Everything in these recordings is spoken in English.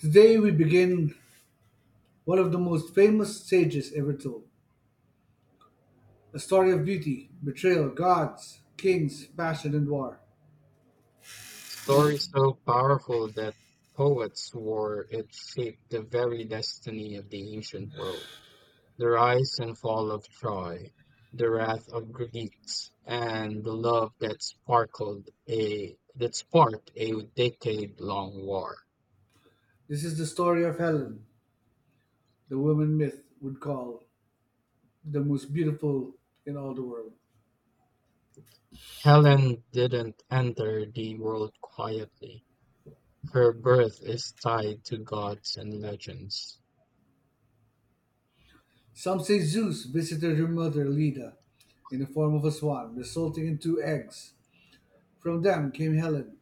Today we begin one of the most famous sages ever told. A story of beauty, betrayal, gods, kings, passion, and war. Story so powerful that poets swore it shaped the very destiny of the ancient world. The rise and fall of Troy, the wrath of Greeks, and the love that sparkled a that sparked a decade-long war. This is the story of Helen, the woman myth would call the most beautiful in all the world. Helen didn't enter the world quietly. Her birth is tied to gods and legends. Some say Zeus visited her mother Leda in the form of a swan, resulting in two eggs. From them came Helen,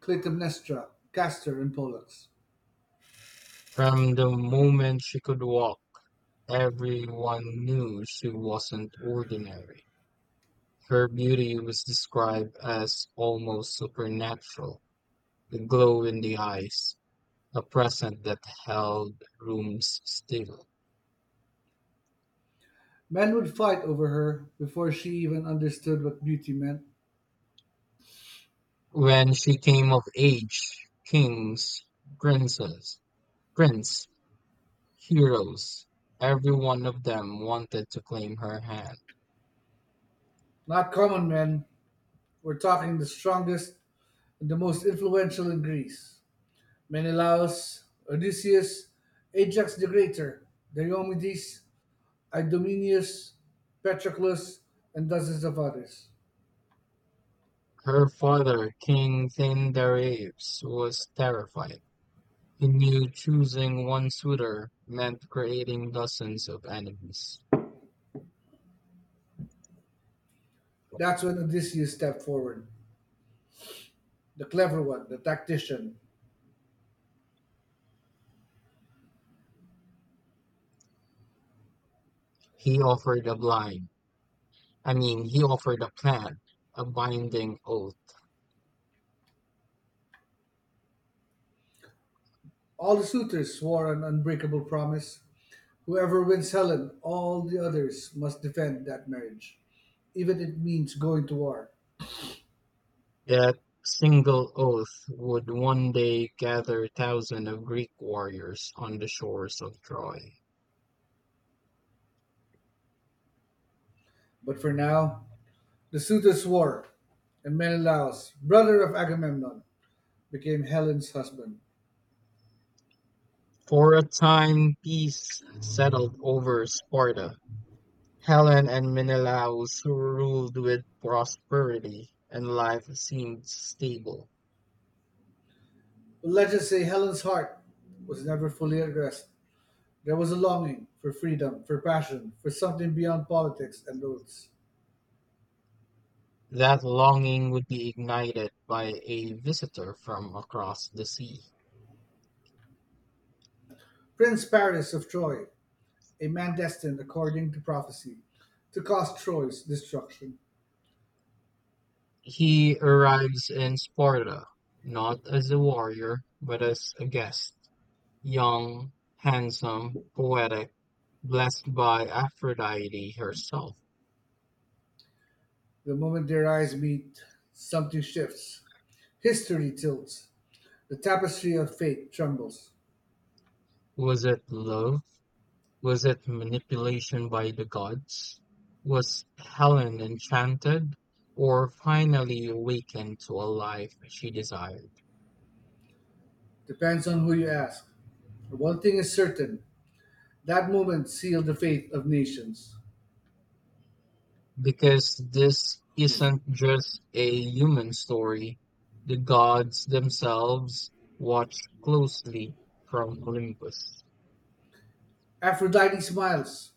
Clytemnestra, Castor, and Pollux. From the moment she could walk, everyone knew she wasn't ordinary. Her beauty was described as almost supernatural, a glow in the eyes, a presence that held rooms still. Men would fight over her before she even understood what beauty meant. When she came of age, kings, princes, prince, heroes, every one of them wanted to claim her hand. Not common men. We're talking the strongest and the most influential in Greece: Menelaus, Odysseus, Ajax the Greater, Diomedes, Idomeneus, Patroclus, and dozens of others. Her father, King Thindareus, was terrified. He knew choosing one suitor meant creating dozens of enemies. That's when Odysseus stepped forward, the clever one, the tactician. He offered a blind, he offered a plan, a binding oath. All the suitors swore an unbreakable promise. Whoever wins Helen, all the others must defend that marriage, even if it means going to war. That single oath would one day gather thousands of Greek warriors on the shores of Troy. But for now, the suitor swore, and Menelaus, brother of Agamemnon, became Helen's husband. For a time, peace settled over Sparta. Helen and Menelaus ruled with prosperity, and life seemed stable. But legends say Helen's heart was never fully at rest. There was a longing for freedom, for passion, for something beyond politics and oaths. That longing would be ignited by a visitor from across the sea. Prince Paris of Troy, a man destined, according to prophecy, to cause Troy's destruction. He arrives in Sparta, not as a warrior, but as a guest, young, handsome, poetic, blessed by Aphrodite herself. The moment their eyes meet, something shifts. History tilts. The tapestry of fate trembles. Was it love? Was it manipulation by the gods? Was Helen enchanted or finally awakened to a life she desired? Depends on who you ask. One thing is certain. That moment sealed the fate of nations. Because this isn't just a human story. The gods themselves watch closely from Olympus. Aphrodite smiles,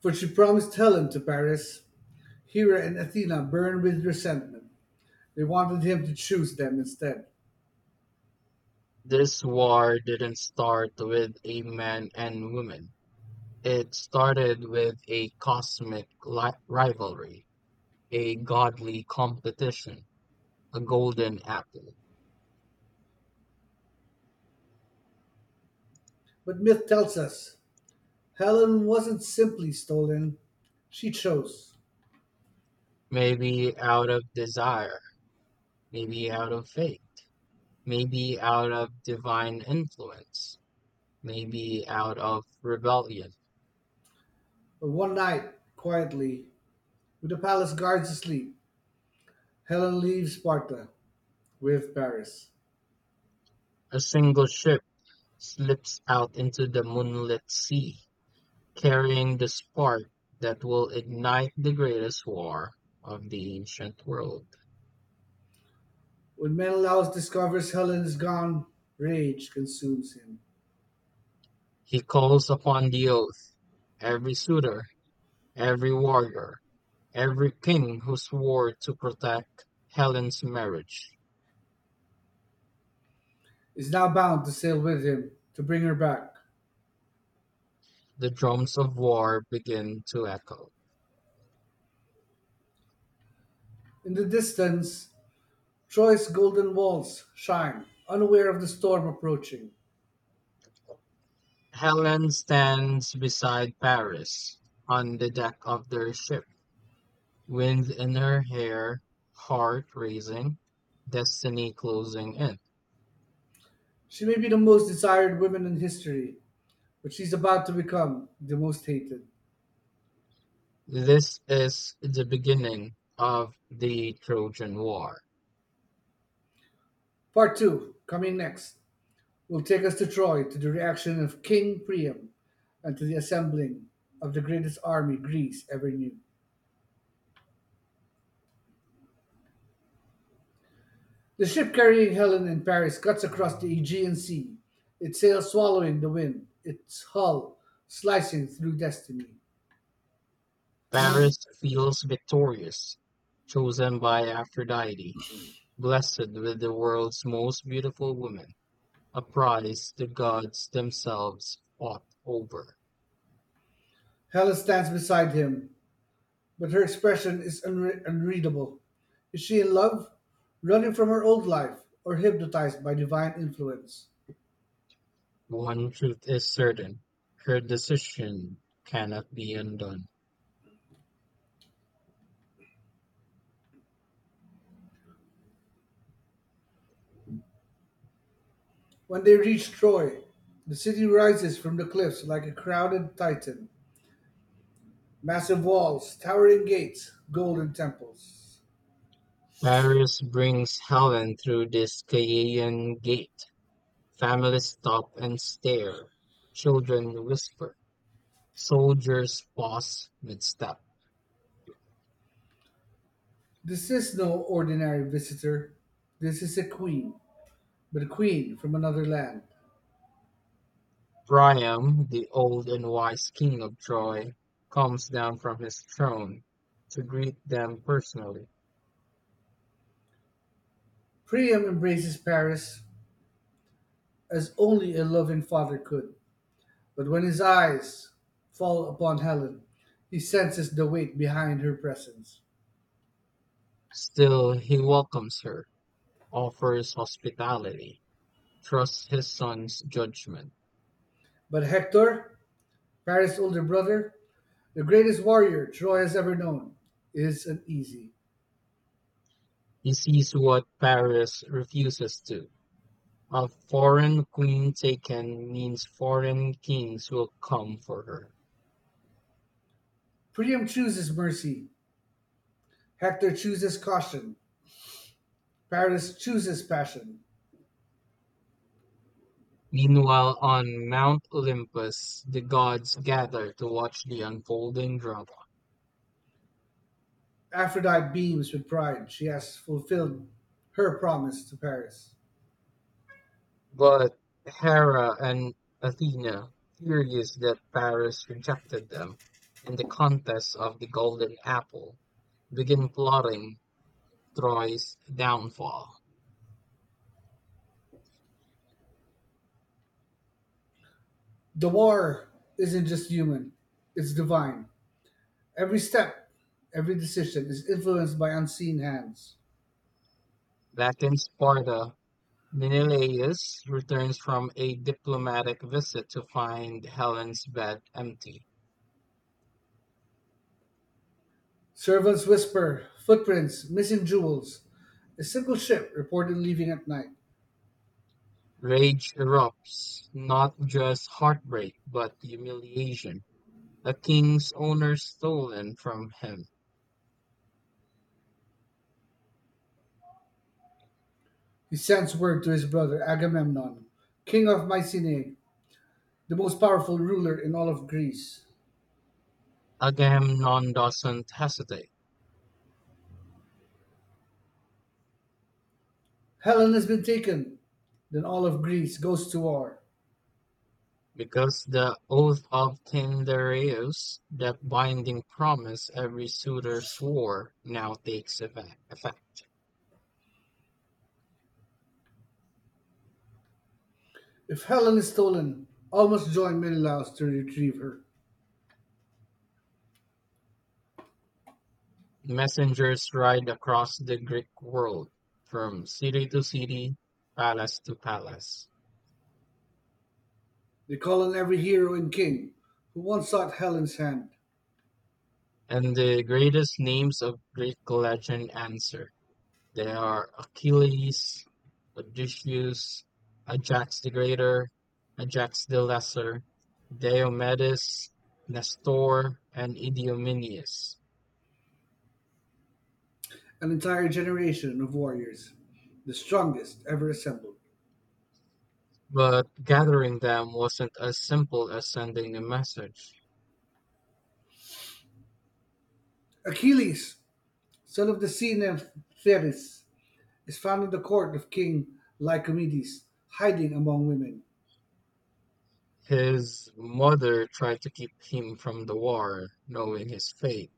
for she promised Helen to Paris. Hera and Athena burn with resentment. They wanted him to choose them instead. This war didn't start with a man and woman. It started with a cosmic rivalry, a godly competition, a golden apple. But myth tells us Helen wasn't simply stolen, she chose. Maybe out of desire, maybe out of faith, maybe out of divine influence, maybe out of rebellion. But one night, quietly, with the palace guards asleep, Helen leaves Sparta with Paris. A single ship slips out into the moonlit sea, carrying the spark that will ignite the greatest war of the ancient world. When Menelaus discovers Helen is gone, rage consumes him. He calls upon the oath, every suitor, every warrior, every king who swore to protect Helen's marriage. Is now bound to sail with him to bring her back. The drums of war begin to echo. In the distance, Troy's golden walls shine, unaware of the storm approaching. Helen stands beside Paris on the deck of their ship. Winds in her hair, heart raising, destiny closing in. She may be the most desired woman in history, but she's about to become the most hated. This is the beginning of the Trojan War. Part 2, coming next, will take us to Troy to the reaction of King Priam and to the assembling of the greatest army Greece ever knew. The ship carrying Helen and Paris cuts across the Aegean Sea, its sails swallowing the wind, its hull slicing through destiny. Paris feels victorious, chosen by Aphrodite, blessed with the world's most beautiful woman, a prize the gods themselves fought over. Helen stands beside him, but her expression is unreadable. Is she in love, running from her old life, or hypnotized by divine influence? One truth is certain: her decision cannot be undone. When they reach Troy, the city rises from the cliffs like a crowded titan. Massive walls, towering gates, golden temples. Paris brings Helen through the Scaean Gate. Families stop and stare. Children whisper. Soldiers pause mid-step. This is no ordinary visitor. This is a queen, but a queen from another land. Priam, the old and wise king of Troy, comes down from his throne to greet them personally. Priam embraces Paris as only a loving father could. But when his eyes fall upon Helen, he senses the weight behind her presence. Still, he welcomes her, offers hospitality, trusts his son's judgment. But Hector, Paris' older brother, the greatest warrior Troy has ever known, is uneasy. He sees what Paris refuses to: a foreign queen taken means foreign kings will come for her. Priam chooses mercy. Hector chooses caution. Paris chooses passion. Meanwhile, on Mount Olympus, the gods gather to watch the unfolding drama. Aphrodite beams with pride. She has fulfilled her promise to Paris. But Hera and Athena, furious that Paris rejected them in the contest of the golden apple, begin plotting Troy's downfall. The war isn't just human, it's divine. Every step, every decision is influenced by unseen hands. Back in Sparta, Menelaus returns from a diplomatic visit to find Helen's bed empty. Servants whisper footprints, missing jewels. A single ship reported leaving at night. Rage erupts, not just heartbreak, but humiliation. The king's honor stolen from him. He sends word to his brother Agamemnon, king of Mycenae, the most powerful ruler in all of Greece. Agamemnon doesn't hesitate, Helen has been taken. Then all of Greece goes to war. because the oath of Tyndareus, that binding promise every suitor swore, now takes effect. If Helen is stolen, all must join Menelaus to retrieve her. Messengers ride across the Greek world, from city to city, palace to palace. They call on every hero and king who once sought Helen's hand, And the greatest names of Greek legend answer. They are Achilles, Odysseus, Ajax the Greater, Ajax the Lesser, Diomedes, Nestor, and Idomeneus. an entire generation of warriors, the strongest ever assembled. But gathering them wasn't as simple as sending a message. Achilles, son of the sea nymph Thetis, is found in the court of King Lycomedes, hiding among women. His mother tried to keep him from the war, knowing his fate.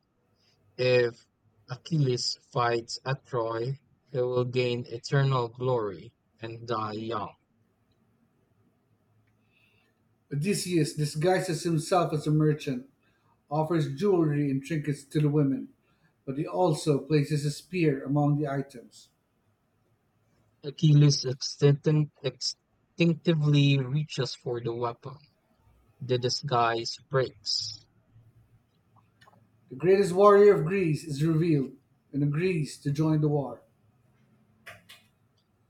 If Achilles fights at Troy, he will gain eternal glory and die young. Odysseus disguises himself as a merchant, offers jewelry and trinkets to the women, but he also places a spear among the items. Achilles instinctively reaches for the weapon. The disguise breaks. The greatest warrior of Greece is revealed and agrees to join the war.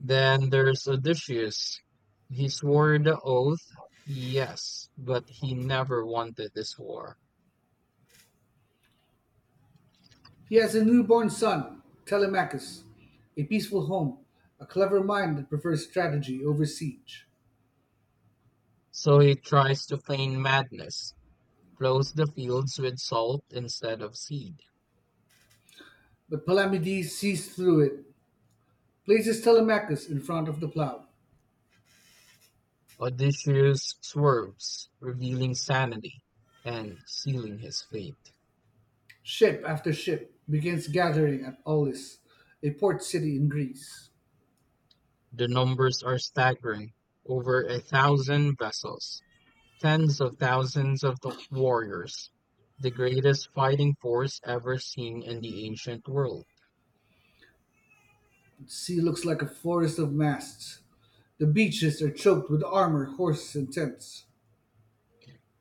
Then there's Odysseus. He swore the oath, yes, but he never wanted this war. He has a newborn son, Telemachus, a peaceful home, a clever mind that prefers strategy over siege. So he tries to feign madness. Close the fields with salt instead of seed. But Palamedes sees through it, places Telemachus in front of the plough. Odysseus swerves, revealing sanity and sealing his fate. Ship after ship begins gathering at Aulis, a port city in Greece. The numbers are staggering. Over a thousand vessels, tens of thousands of the warriors, the greatest fighting force ever seen in the ancient world, The sea looks like a forest of masts. The beaches are choked with armor, horses, and tents.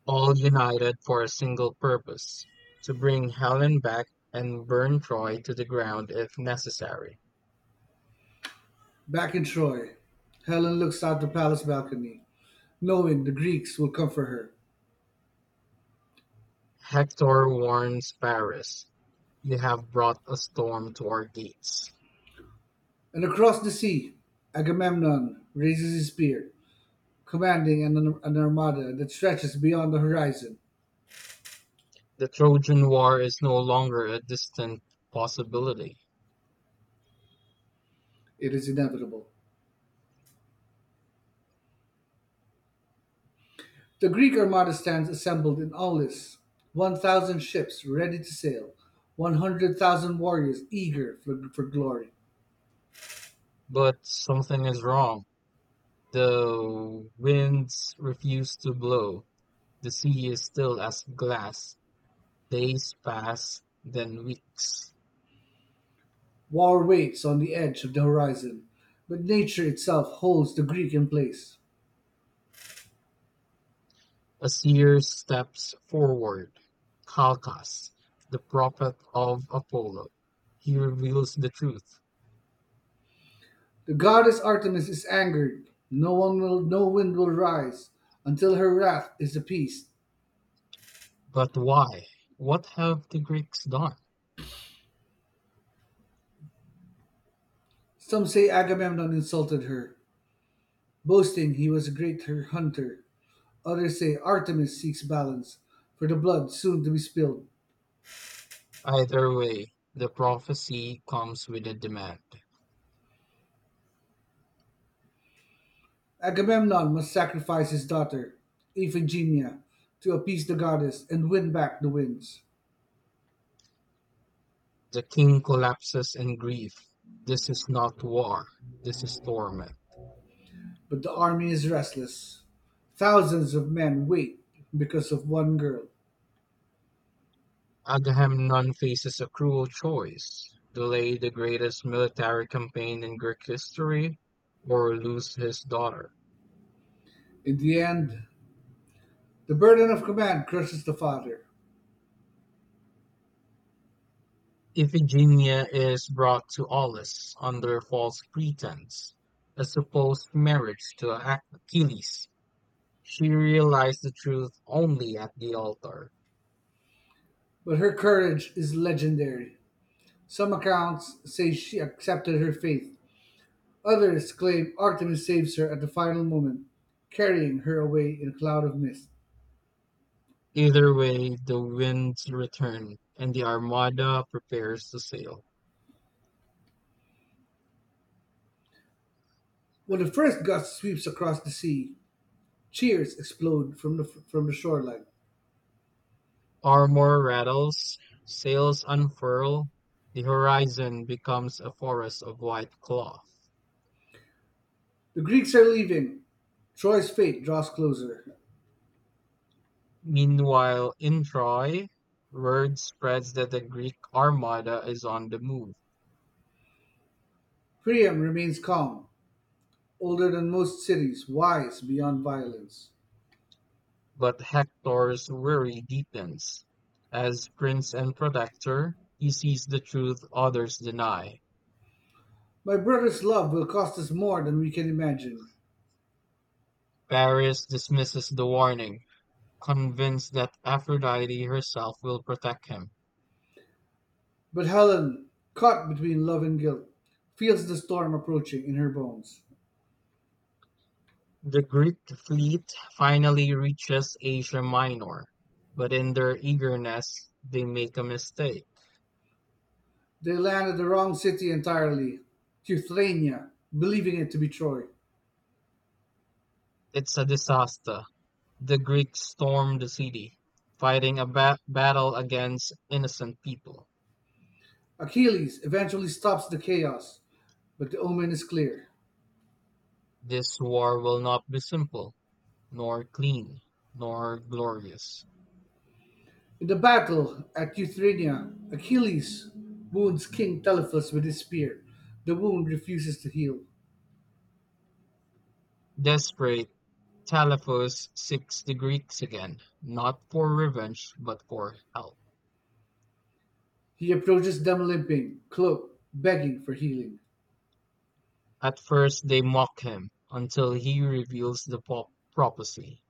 all united for a single purpose: to bring Helen back and burn Troy to the ground if necessary. Back in Troy, Helen looks out the palace balcony, knowing the Greeks will come for her. Hector warns Paris: they have brought a storm to our gates. And across the sea, Agamemnon raises his spear, commanding an armada that stretches beyond the horizon. The Trojan War is no longer a distant possibility. It is inevitable. The Greek armada stands assembled in Aulis, 1,000 ships ready to sail, 100,000 warriors eager for glory. But something is wrong. The winds refuse to blow. The sea is still as glass. Days pass, then weeks. War waits on the edge of the horizon, but nature itself holds the Greek in place. A seer steps forward. Calchas, the prophet of Apollo. He reveals the truth. The goddess Artemis is angered. No wind will rise until her wrath is appeased. But why? What have the Greeks done? Some say Agamemnon insulted her, boasting he was a greater hunter. Others say Artemis seeks balance for the blood soon to be spilled. Either way, the prophecy comes with a demand. Agamemnon must sacrifice his daughter, Iphigenia, to appease the goddess and win back the winds. The king collapses in grief. This is not war, this is torment. But the army is restless. Thousands of men wait because of one girl. Agamemnon faces a cruel choice: delay the greatest military campaign in Greek history or lose his daughter. In the end, the burden of command crushes the father, Iphigenia is brought to Aulis under false pretense, a supposed marriage to Achilles. She realized the truth only at the altar. but her courage is legendary. Some accounts say she accepted her fate. Others claim Artemis saves her at the final moment, carrying her away in a cloud of mist. Either way, the winds return, and the armada prepares to sail. When the first gust sweeps across the sea, cheers explode from the shoreline. Armor rattles, sails unfurl, the horizon becomes a forest of white cloth. The Greeks are leaving. Troy's fate draws closer. Meanwhile, in Troy, word spreads that the Greek armada is on the move, Priam remains calm, older than most cities, wise beyond violence. but Hector's worry deepens. As prince and protector, he sees the truth others deny. My brother's love will cost us more than we can imagine. Paris dismisses the warning, convinced that Aphrodite herself will protect him. But Helen, caught between love and guilt, feels the storm approaching in her bones. The Greek fleet finally reaches Asia Minor, but in their eagerness, they make a mistake. They land at the wrong city entirely, Cuthania, believing it to be Troy. It's a disaster. The Greeks storm the city, fighting a battle against innocent people. Achilles eventually stops the chaos, but the omen is clear. This war will not be simple, nor clean, nor glorious. In the battle at Euthyrenia, Achilles wounds King Telephus with his spear. The wound refuses to heal. Desperate, Telephus seeks the Greeks again, not for revenge, but for help. He approaches them limping, cloaked, begging for healing. At first they mock him, until he reveals the prophecy.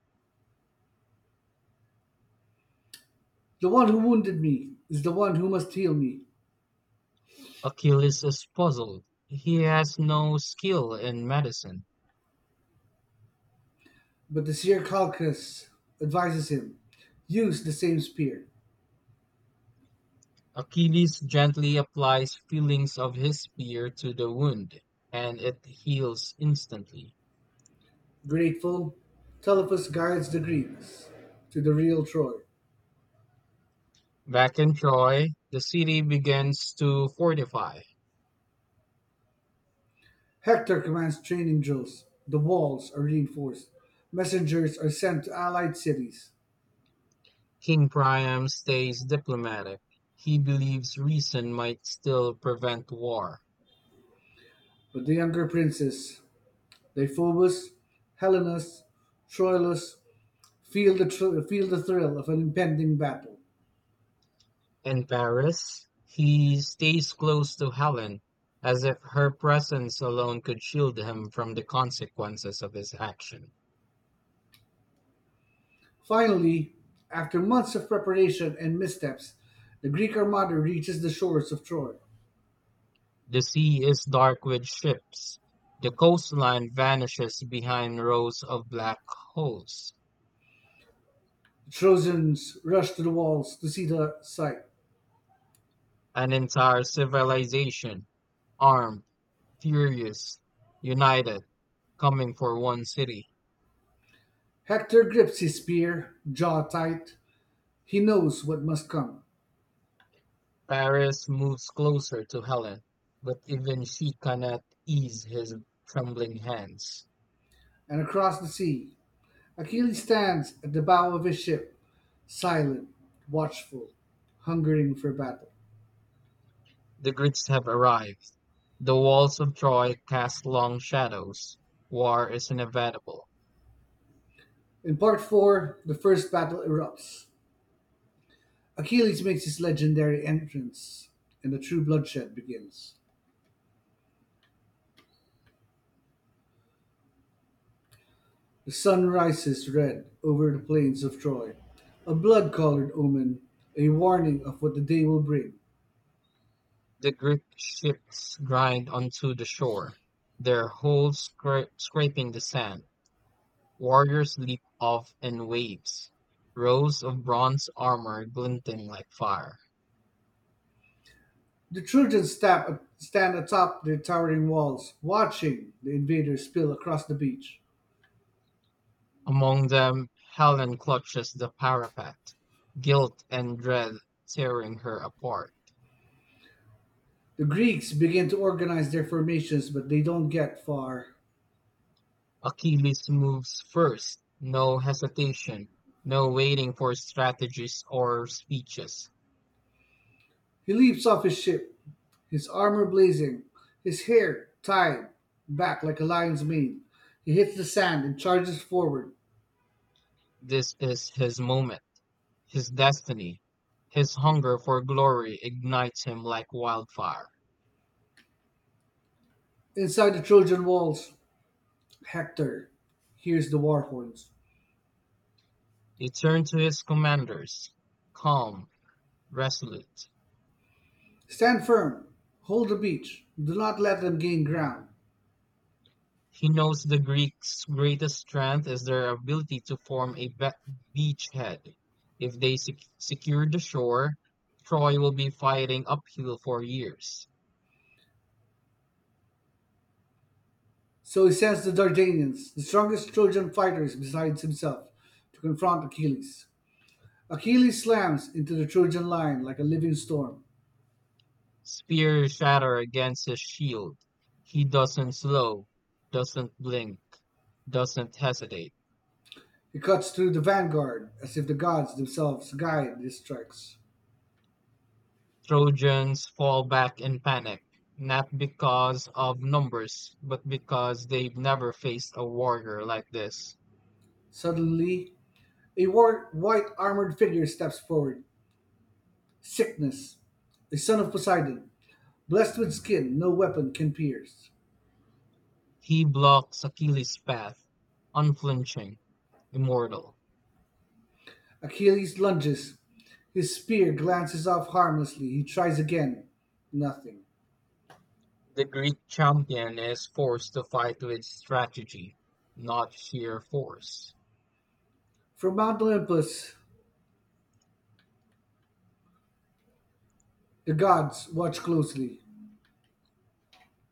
The one who wounded me is the one who must heal me. Achilles is puzzled. He has no skill in medicine. But the seer Calchas advises him: use the same spear. Achilles gently applies feelings of his spear to the wound, and it heals instantly. Grateful, Telephus guides the Greeks to the real Troy. Back in Troy, the city begins to fortify. Hector commands training drills. The walls are reinforced. Messengers are sent to allied cities. King Priam stays diplomatic. He believes reason might still prevent war. But the younger princes, Deiphobus, Helenus, Troilus, feel the thrill of an impending battle. In Paris, he stays close to Helen, as if her presence alone could shield him from the consequences of his action. Finally, after months of preparation and missteps, the Greek armada reaches the shores of Troy. The sea is dark with ships. The coastline vanishes behind rows of black holes. The Trojans rush to the walls to see the sight. An entire civilization, armed, furious, united, coming for one city. Hector grips his spear, jaw tight. He knows what must come. Paris moves closer to Helen, but even she cannot ease his trembling hands. And across the sea, Achilles stands at the bow of his ship, silent, watchful, hungering for battle. The Greeks have arrived. The walls of Troy cast long shadows. War is inevitable. In part four, the first battle erupts. Achilles makes his legendary entrance, and the true bloodshed begins. The sun rises red over the plains of Troy, a blood colored omen, a warning of what the day will bring. The Greek ships grind onto the shore, their hulls scraping the sand. Warriors leap off in waves. Rows of bronze armor glinting like fire. The Trojans stand atop their towering walls, watching the invaders spill across the beach. Among them, Helen clutches the parapet, guilt and dread tearing her apart. The Greeks begin to organize their formations, but they don't get far. Achilles moves first, no hesitation, no waiting for strategies or speeches. He leaps off his ship, his armour blazing, his hair tied back like a lion's mane, he hits the sand and charges forward. This is his moment, his destiny. His hunger for glory ignites him like wildfire. Inside the Trojan walls, Hector hears the war horns. He turned to his commanders, calm, resolute. Stand firm, hold the beach, do not let them gain ground. He knows the Greeks' greatest strength is their ability to form a beachhead. If they secure the shore, Troy will be fighting uphill for years. So he sends the Dardanians, the strongest Trojan fighters besides himself, to confront Achilles. Achilles slams into the Trojan line like a living storm. Spears shatter against his shield. He doesn't slow, doesn't blink, doesn't hesitate. He cuts through the vanguard as if the gods themselves guide his strikes. Trojans fall back in panic, not because of numbers, but because they've never faced a warrior like this. Suddenly, a white armored figure steps forward. Sickness. A son of Poseidon. Blessed with skin no weapon can pierce. He blocks Achilles' path, unflinching, immortal. Achilles lunges. His spear glances off harmlessly. He tries again. Nothing. The Greek champion is forced to fight with strategy, not sheer force. From Mount Olympus, the gods watch closely.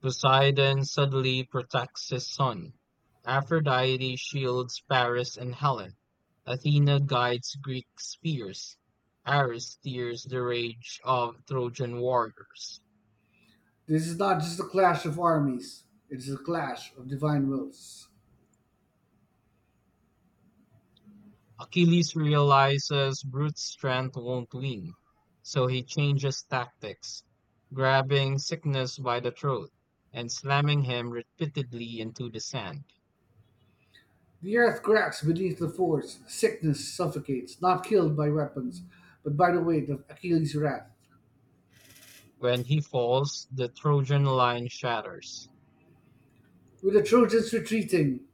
Poseidon suddenly protects his son. Aphrodite shields Paris and Helen. Athena guides Greek spears. Ares steers the rage of Trojan warriors. This is not just a clash of armies, it is a clash of divine wills. Achilles realizes brute strength won't win, so he changes tactics, grabbing Cycnus by the throat and slamming him repeatedly into the sand. The earth cracks beneath the force. Sickness suffocates, not killed by weapons, but by the weight of Achilles' wrath. When he falls, the Trojan line shatters. With the Trojans retreating,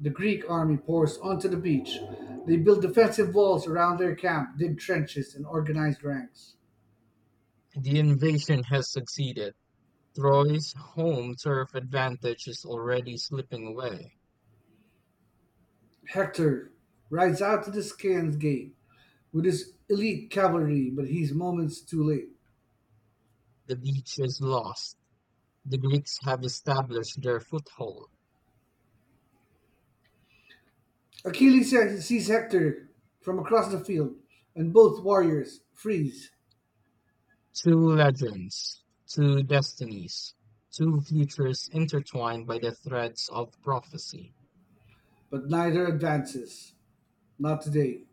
the Greek army pours onto the beach. They build defensive walls around their camp, dig trenches, and organize ranks. The invasion has succeeded. Troy's home turf advantage is already slipping away. Hector rides out to the Scan's gate with his elite cavalry, but he's moments too late. The beach is lost. The Greeks have established their foothold. Achilles sees Hector from across the field, and both warriors freeze, Two legends, two destinies, two futures intertwined by the threads of prophecy. but neither advances. Not today.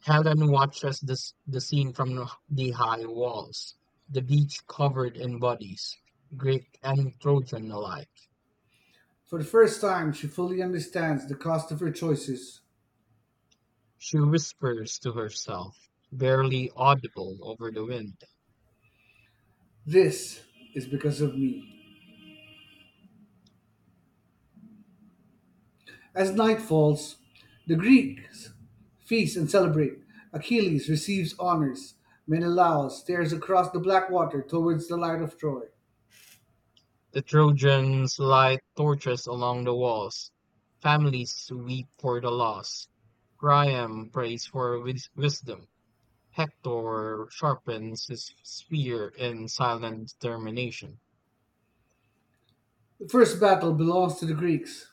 Helen watches this, the scene from the high walls, the beach covered in bodies, Greek and Trojan alike. For the first time, she fully understands the cost of her choices. She whispers to herself, barely audible over the wind. This is because of me. As night falls, the Greeks feast and celebrate. Achilles receives honors. Menelaus stares across the black water towards the light of Troy. The Trojans light torches along the walls. Families weep for the loss. Priam prays for wisdom. Hector sharpens his spear in silent determination. The first battle belongs to the Greeks,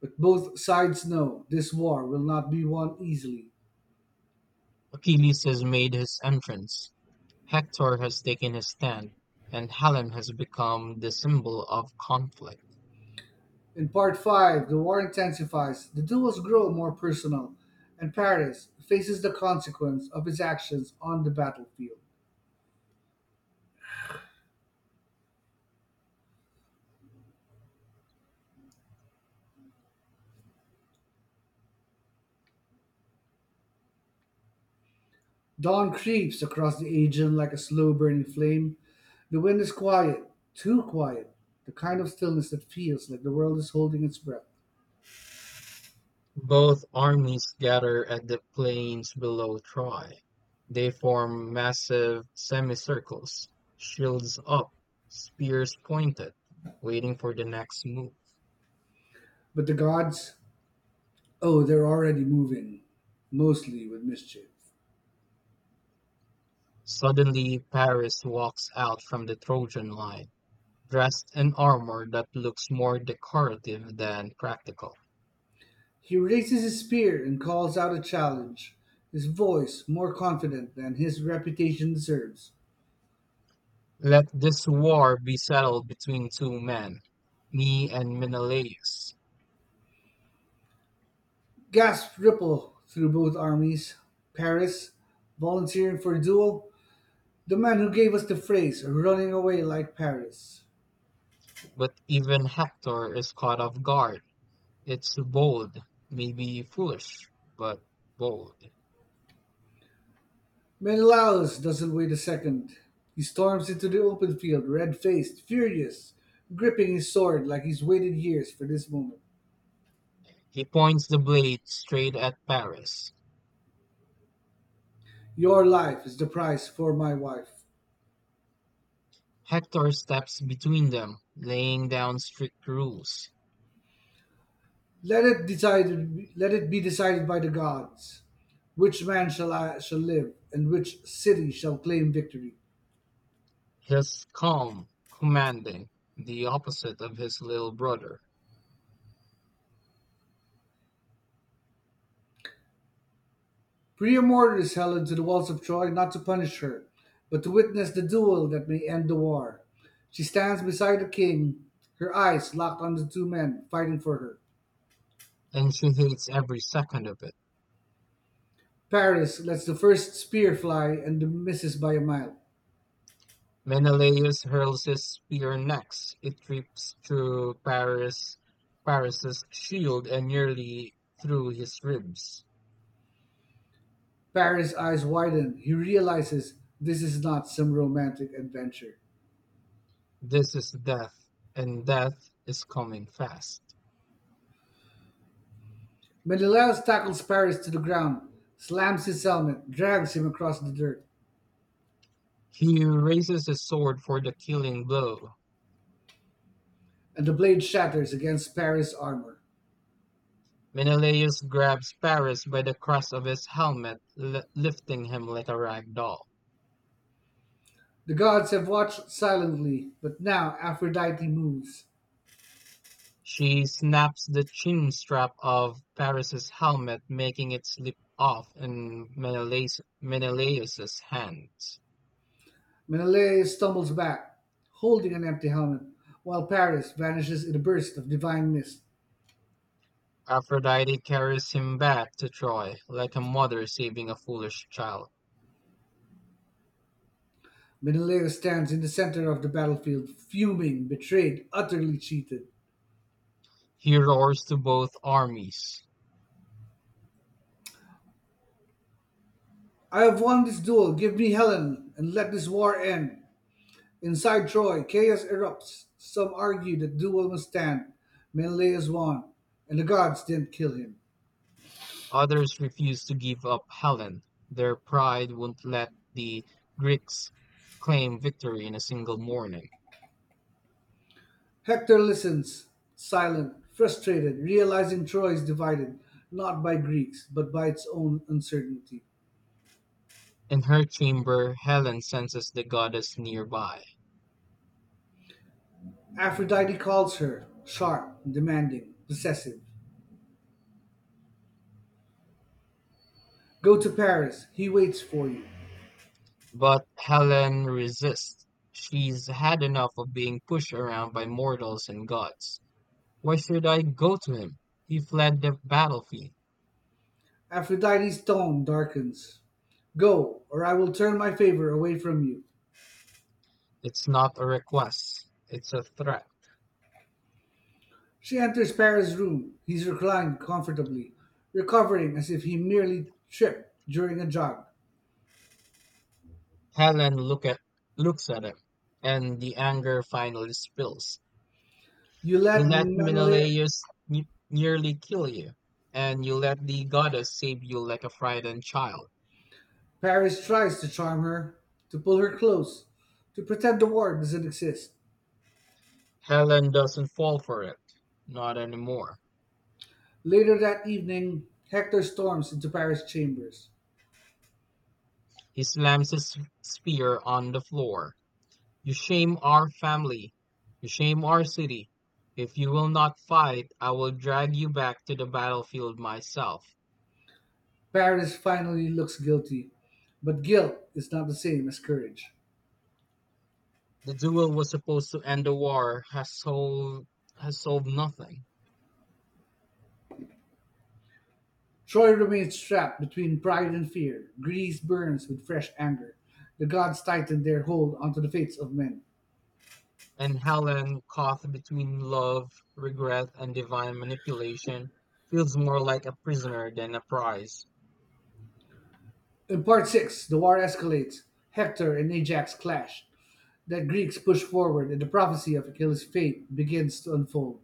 but both sides know this war will not be won easily. Achilles has made his entrance. Hector has taken his stand, and Helen has become the symbol of conflict. In part 5, the war intensifies, the duels grow more personal, and Paris faces the consequence of its actions on the battlefield. Dawn creeps across the Aegean like a slow burning flame. The wind is quiet, too quiet, the kind of stillness that feels like the world is holding its breath. Both armies gather at the plains below Troy. They form massive semicircles, shields up, spears pointed, waiting for the next move. But the gods, oh, they're already moving, mostly with mischief. Suddenly, Paris walks out from the Trojan line, dressed in armor that looks more decorative than practical. He raises his spear and calls out a challenge, his voice more confident than his reputation deserves. Let this war be settled between two men, me and Menelaus. Gasps ripple through both armies. Paris, volunteering for a duel, the man who gave us the phrase running away like Paris. But even Hector is caught off guard. It's bold, maybe foolish, but bold. Menelaus doesn't wait a second. He storms into the open field, red faced, furious, gripping his sword like he's waited years for this moment. He points the blade straight at Paris. Your life is the price for my wife. Hector steps between them, laying down strict rules. Let it be decided by the gods. Which man shall live, and which city shall claim victory? He's calm, commanding, the opposite of his little brother, Priamorda is held to the walls of Troy not to punish her, but to witness the duel that may end the war. She stands beside the king, her eyes locked on the two men fighting for her. and she hates every second of it. Paris lets the first spear fly and misses by a mile. Menelaus hurls his spear next. It rips through Paris's shield and nearly through his ribs. Paris' eyes widen. He realizes this is not some romantic adventure. This is death, and death is coming fast. Menelaus tackles Paris to the ground, slams his helmet, drags him across the dirt, He raises his sword for the killing blow. and the blade shatters against Paris' armor. Menelaus grabs Paris by the crest of his helmet, lifting him like a rag doll. The gods have watched silently, but now Aphrodite moves. She snaps the chin strap of Paris's helmet, making it slip off in Menelaus's hands. Menelaus stumbles back, holding an empty helmet, while Paris vanishes in a burst of divine mist. Aphrodite carries him back to Troy, like a mother saving a foolish child. Menelaus stands in the center of the battlefield, fuming, betrayed, utterly cheated. He roars to both armies. I have won this duel. Give me Helen, and let this war end. Inside Troy, chaos erupts. Some argue that duel must stand. Menelaus won, and the gods didn't kill him. Others refused to give up Helen. Their pride wouldn't let the Greeks claim victory in a single morning. Hector listens, silent, frustrated, realizing Troy is divided, not by Greeks, but by its own uncertainty. In her chamber, Helen senses the goddess nearby. Aphrodite calls her, sharp, demanding, possessive. Go to Paris, he waits for you. But Helen resists. She's had enough of being pushed around by mortals and gods. Why should I go to him? He fled the battlefield. Aphrodite's tone darkens. Go, or I will turn my favor away from you. It's not a request, it's a threat. She enters Paris' room. He's reclined comfortably, recovering as if he merely tripped during a jog. Helen look at, looks at him, and the anger finally spills. You Yulette let Manolé. Menelaus nearly kill you, and you let the goddess save you like a frightened child. Paris tries to charm her, to pull her close, to pretend the war doesn't exist. Helen doesn't fall for it. Not anymore. Later that evening, Hector storms into Paris' chambers. He slams his spear on the floor. You shame our family. You shame our city. If you will not fight, I will drag you back to the battlefield myself. Paris finally looks guilty, but guilt is not the same as courage. The duel was supposed to end the war, has solved nothing. Troy remains trapped between pride and fear. Greece burns with fresh anger. The gods tighten their hold onto the fates of men. And Helen, caught between love, regret, and divine manipulation, feels more like a prisoner than a prize. In part 6, the war escalates. Hector and Ajax clash. The Greeks push forward, and the prophecy of Achilles' fate begins to unfold.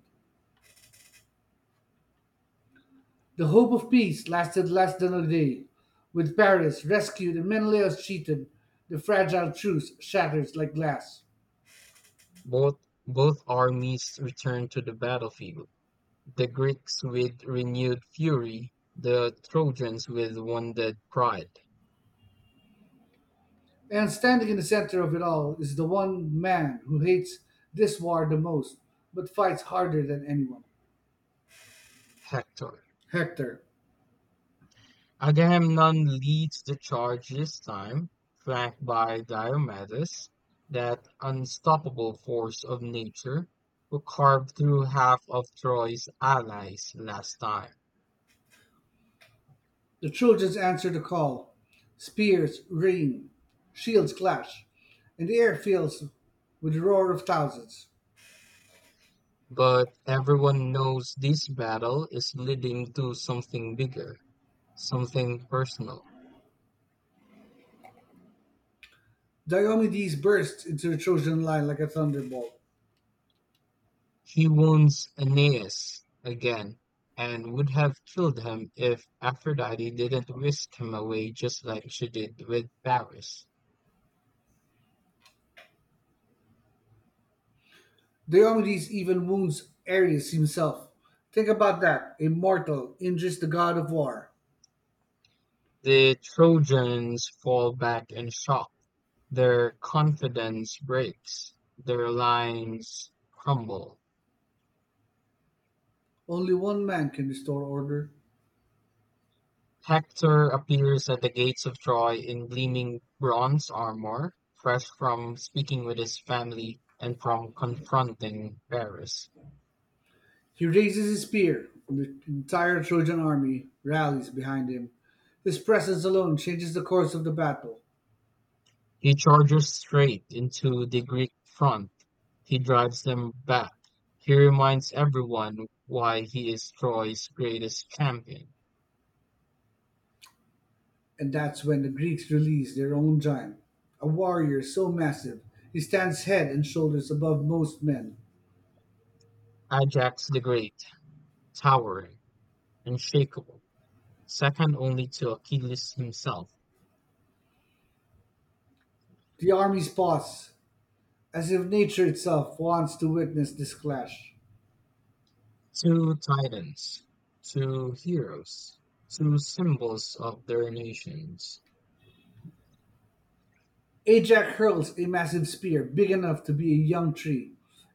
The hope of peace lasted less than a day. With Paris rescued and Menelaus cheated, the fragile truce shatters like glass. Both both armies return to the battlefield. The Greeks with renewed fury, the Trojans with wounded pride. And standing in the center of it all is the one man who hates this war the most, but fights harder than anyone. Hector. Hector. Agamemnon leads the charge this time, flanked by Diomedes, that unstoppable force of nature who carved through half of Troy's allies last time. The Trojans answer the call. Spears rain, shields clash, and the air fills with the roar of thousands. But everyone knows this battle is leading to something bigger, something personal. Diomedes bursts into the Trojan line like a thunderbolt. He wounds Aeneas again and would have killed him if Aphrodite didn't whisk him away just like she did with Paris. Diomedes even wounds Ares himself. Think about that. A mortal injures the god of war. The Trojans fall back in shock, their confidence breaks, their lines crumble. Only one man can restore order. Hector appears at the gates of Troy in gleaming bronze armor, fresh from speaking with his family and from confronting Paris. He raises his spear, and the entire Trojan army rallies behind him. His presence alone changes the course of the battle, He charges straight into the Greek front. He drives them back. He reminds everyone why he is Troy's greatest champion. and that's when the Greeks release their own giant, a warrior so massive he stands head and shoulders above most men. Ajax the Great, towering unshakable, second only to Achilles himself. The army pause, as if nature itself wants to witness this clash. Two titans, two heroes, two symbols of their nations. Ajax hurls a massive spear big enough to be a young tree.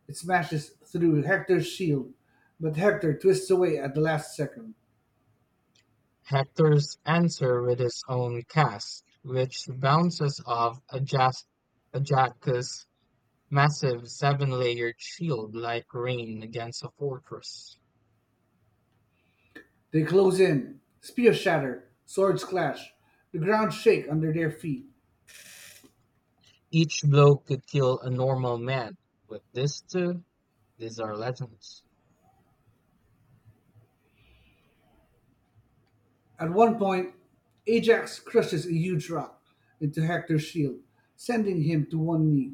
It smashes through Hector's shield, but Hector twists away at the last second. Hector's answer with his own cast, which bounces off Ajax's massive seven-layered shield like rain against a fortress. They close in. Spears shatter. Swords clash. The ground shake under their feet. Each blow could kill a normal man, but these two, these are legends. At one point, Ajax crushes a huge rock into Hector's shield, sending him to one knee.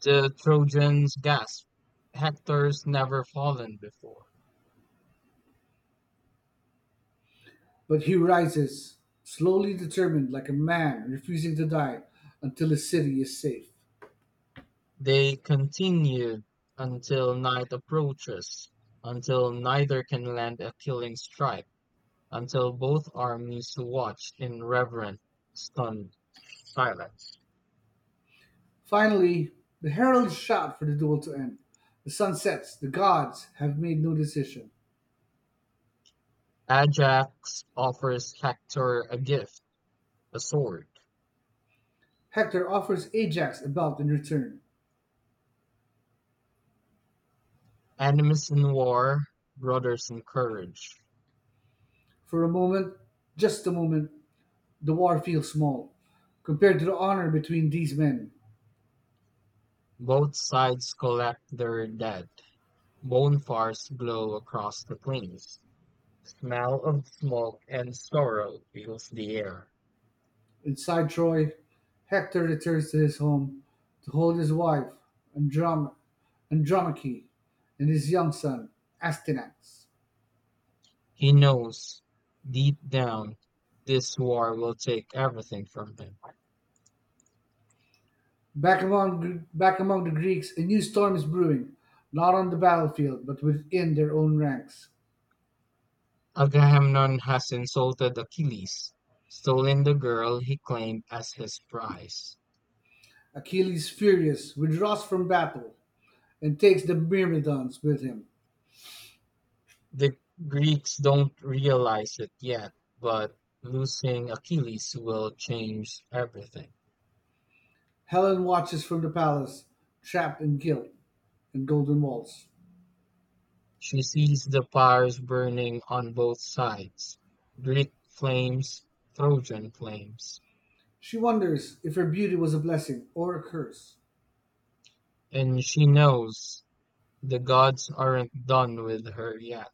The Trojans gasped. Hector's never fallen before. But he rises, slowly determined like a man refusing to die until his city is safe. They continued until night approaches, until neither can land a killing strike, until both armies watch in reverent, stunned silence. Finally, the heralds shout for the duel to end. The sun sets. The gods have made no decision. Ajax offers Hector a gift, a sword. Hector offers Ajax a belt in return. Enemies in war, brothers in courage. For a moment, just a moment, the war feels small compared to the honor between these men. Both sides collect their dead. Bonfires glow across the plains. Smell of smoke and sorrow fills the air. Inside Troy, Hector returns to his home to hold his wife, Androm- Andromache, and his young son, Astyanax. He knows deep down this war will take everything from him. Back among the Greeks, a new storm is brewing, not on the battlefield, but within their own ranks. Agamemnon has insulted Achilles, stolen the girl he claimed as his prize. Achilles, furious, withdraws from battle and takes the Myrmidons with him. The Greeks don't realize it yet, but losing Achilles will change everything. Helen watches from the palace, trapped in guilt and golden walls. She sees the fires burning on both sides, Greek flames, Trojan flames. She wonders if her beauty was a blessing or a curse. And she knows the gods aren't done with her yet.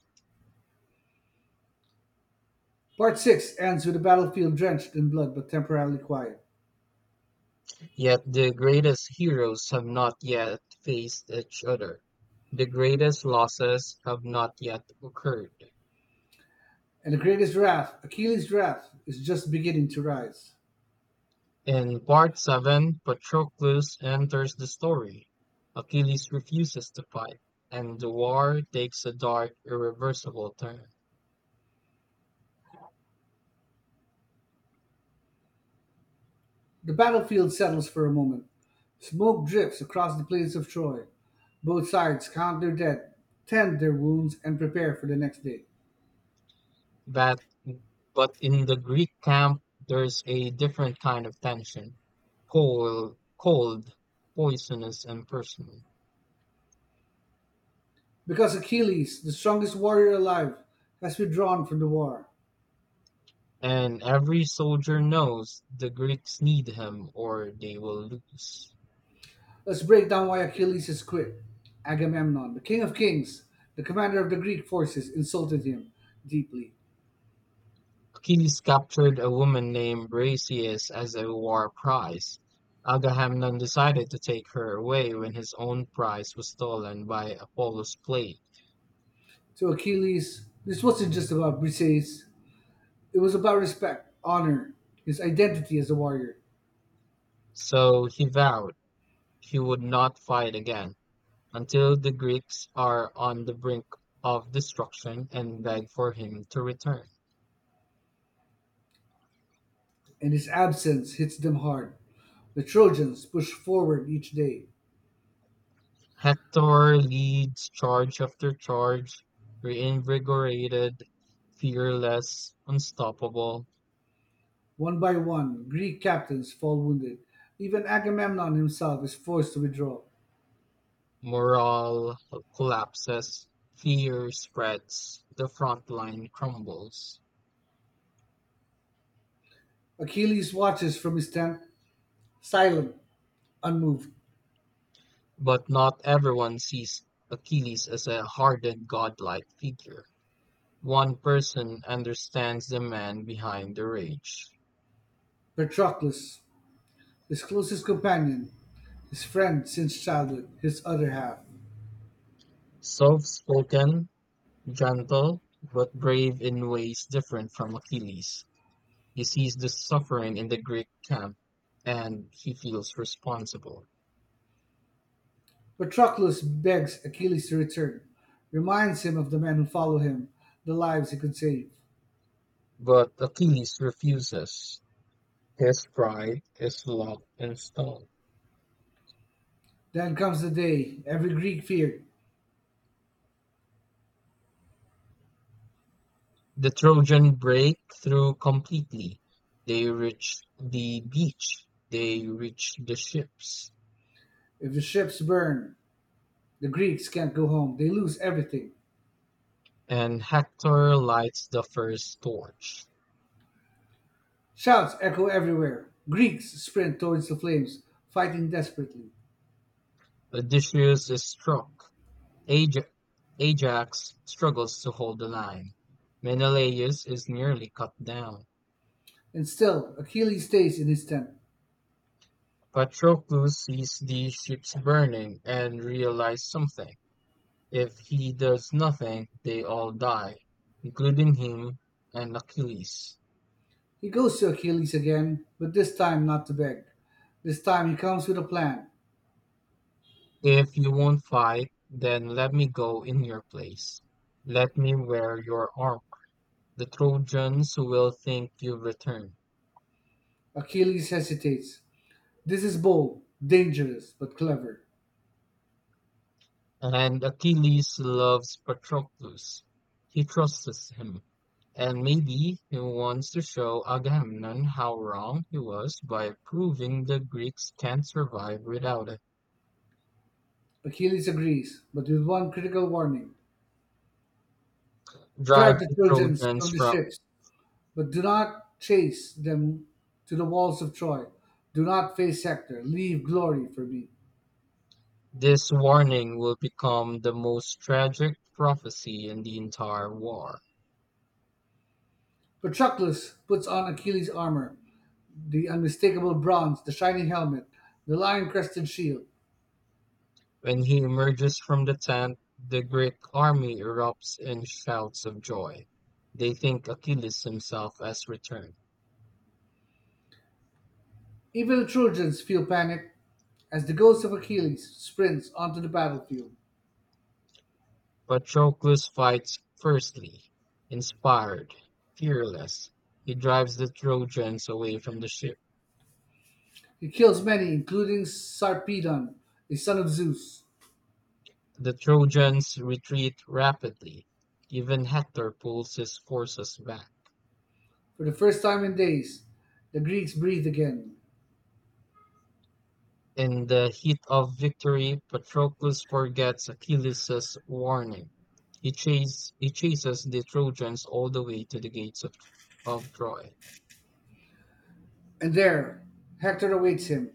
Part 6 ends with the battlefield drenched in blood but temporarily quiet. Yet the greatest heroes have not yet faced each other. The greatest losses have not yet occurred. And the greatest wrath, Achilles' wrath, is just beginning to rise. In part 7, Patroclus enters the story. Achilles refuses to fight, and the war takes a dark, irreversible turn. The battlefield settles for a moment. Smoke drifts across the plains of Troy. Both sides count their dead, tend their wounds, and prepare for the next day. But, but in the Greek camp, there's a different kind of tension. Cold, poisonous, and personal. Because Achilles, the strongest warrior alive, has withdrawn from the war. And every soldier knows the Greeks need him or they will lose. Let's break down why Achilles is quick. Agamemnon, the king of kings, the commander of the Greek forces, insulted him deeply. Achilles captured a woman named Briseis as a war prize. Agamemnon decided to take her away when his own prize was stolen by Apollo's plague. To Achilles, this wasn't just about brisades, it was about respect, honor, his identity as a warrior, So he vowed he would not fight again, until the Greeks are on the brink of destruction and beg for him to return. and his absence hits them hard. The Trojans push forward each day. Hector leads charge after charge, reinvigorated, fearless, unstoppable. One by one, Greek captains fall wounded. Even Agamemnon himself is forced to withdraw. Morale collapses, fear spreads, the front line crumbles. Achilles watches from his tent, silent, unmoved. But not everyone sees Achilles as a hardened godlike figure. One person understands the man behind the rage. Patroclus. His closest companion, his friend since childhood, his other half. Soft-spoken, gentle, but brave in ways different from Achilles. He sees the suffering in the Greek camp and he feels responsible. Patroclus begs Achilles to return, reminds him of the men who follow him, the lives he could save. But Achilles refuses. His pride is locked in stone. Then comes the day every Greek feared. The Trojan break through completely. They reach the beach. They reach the ships. If the ships burn, the Greeks can't go home. They lose everything. And Hector lights the first torch. Shouts echo everywhere. Greeks sprint towards the flames, fighting desperately. Odysseus is struck Aj- Ajax struggles to hold the line. Menelaus is nearly cut down. And still, Achilles stays in his tent. Patroclus sees the ships burning and realizes something. If he does nothing, they all die, including him and Achilles. He goes to Achilles again, but this time not to beg. This time he comes with a plan. If you won't fight, then let me go in your place. Let me wear your armor. The Trojans will think you've returned. Achilles hesitates. This is bold, dangerous, but clever. And Achilles loves Patroclus. He trusts him. And maybe he wants to show Agamemnon how wrong he was by proving the Greeks can't survive without it. Achilles agrees, but with one critical warning. Drive Drive the the Trojans Trojans from the from ships, but do not chase them to the walls of Troy. Do not face Hector. Leave glory for me. This warning will become the most tragic prophecy in the entire war. Patroclus puts on Achilles' armor, the unmistakable bronze, the shining helmet, the lion crested shield. When he emerges from the tent, the Greek army erupts in shouts of joy. They think Achilles himself has returned. Even the Trojans feel panic as the ghost of Achilles sprints onto the battlefield. Patroclus fights fiercely; inspired, fearless, he drives the Trojans away from the ship. He kills many, including Sarpedon, a son of Zeus. The Trojans retreat rapidly; even Hector pulls his forces back. For the first time in days, the Greeks breathe again. In the heat of victory, Patroclus forgets Achilles' warning. He chases the Trojans all the way to the gates of Troy. And there, Hector awaits him,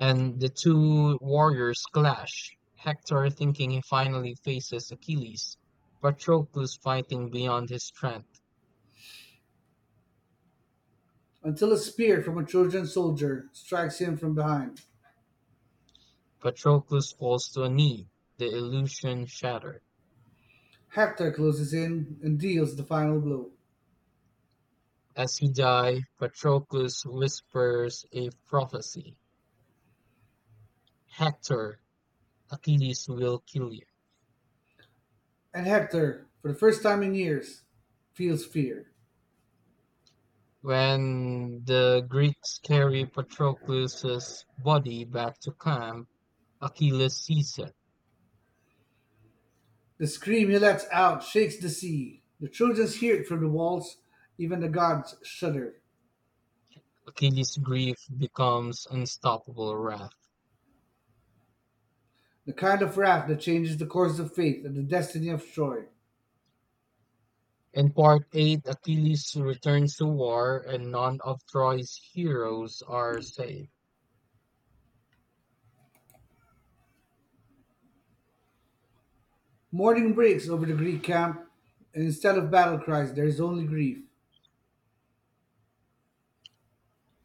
And the two warriors clash, Hector thinking he finally faces Achilles, Patroclus fighting beyond his strength. until a spear from a Trojan soldier strikes him from behind. Patroclus falls to a knee, the illusion shattered. Hector closes in and deals the final blow. As he dies, Patroclus whispers a prophecy. Hector, Achilles will kill you. And Hector, for the first time in years, feels fear. When the Greeks carry Patroclus's body back to camp, Achilles sees it. The scream he lets out shakes the sea. The Trojans hear it from the walls, even the gods shudder. Achilles' grief becomes unstoppable wrath. The kind of wrath that changes the course of fate and the destiny of Troy. In part eight, Achilles returns to war and none of Troy's heroes are saved. Mourning breaks over the Greek camp, and instead of battle cries, there is only grief.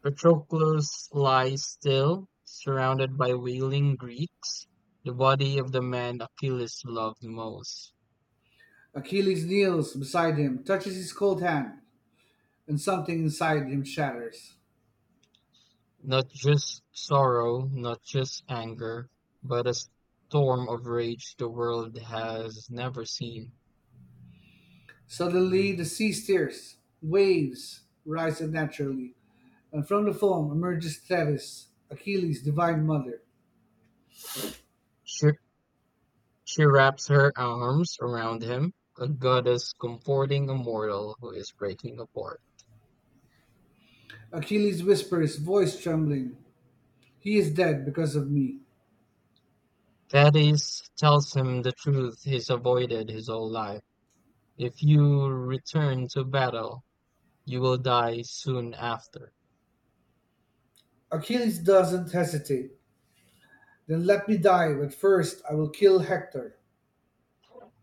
Patroclus lies still, surrounded by wailing Greeks, the body of the man Achilles loved most. Achilles kneels beside him, touches his cold hand, and something inside him shatters. Not just sorrow, not just anger, but a storm of rage the world has never seen. Suddenly, the sea stirs, waves rise unnaturally, and from the foam emerges Thetis, Achilles' divine mother. She, she wraps her arms around him, a goddess comforting a mortal who is breaking apart. Achilles whispers, voice trembling, he is dead because of me. Thaddeus tells him the truth he's avoided his whole life. If you return to battle, you will die soon after. Achilles doesn't hesitate. Then let me die, but first I will kill Hector.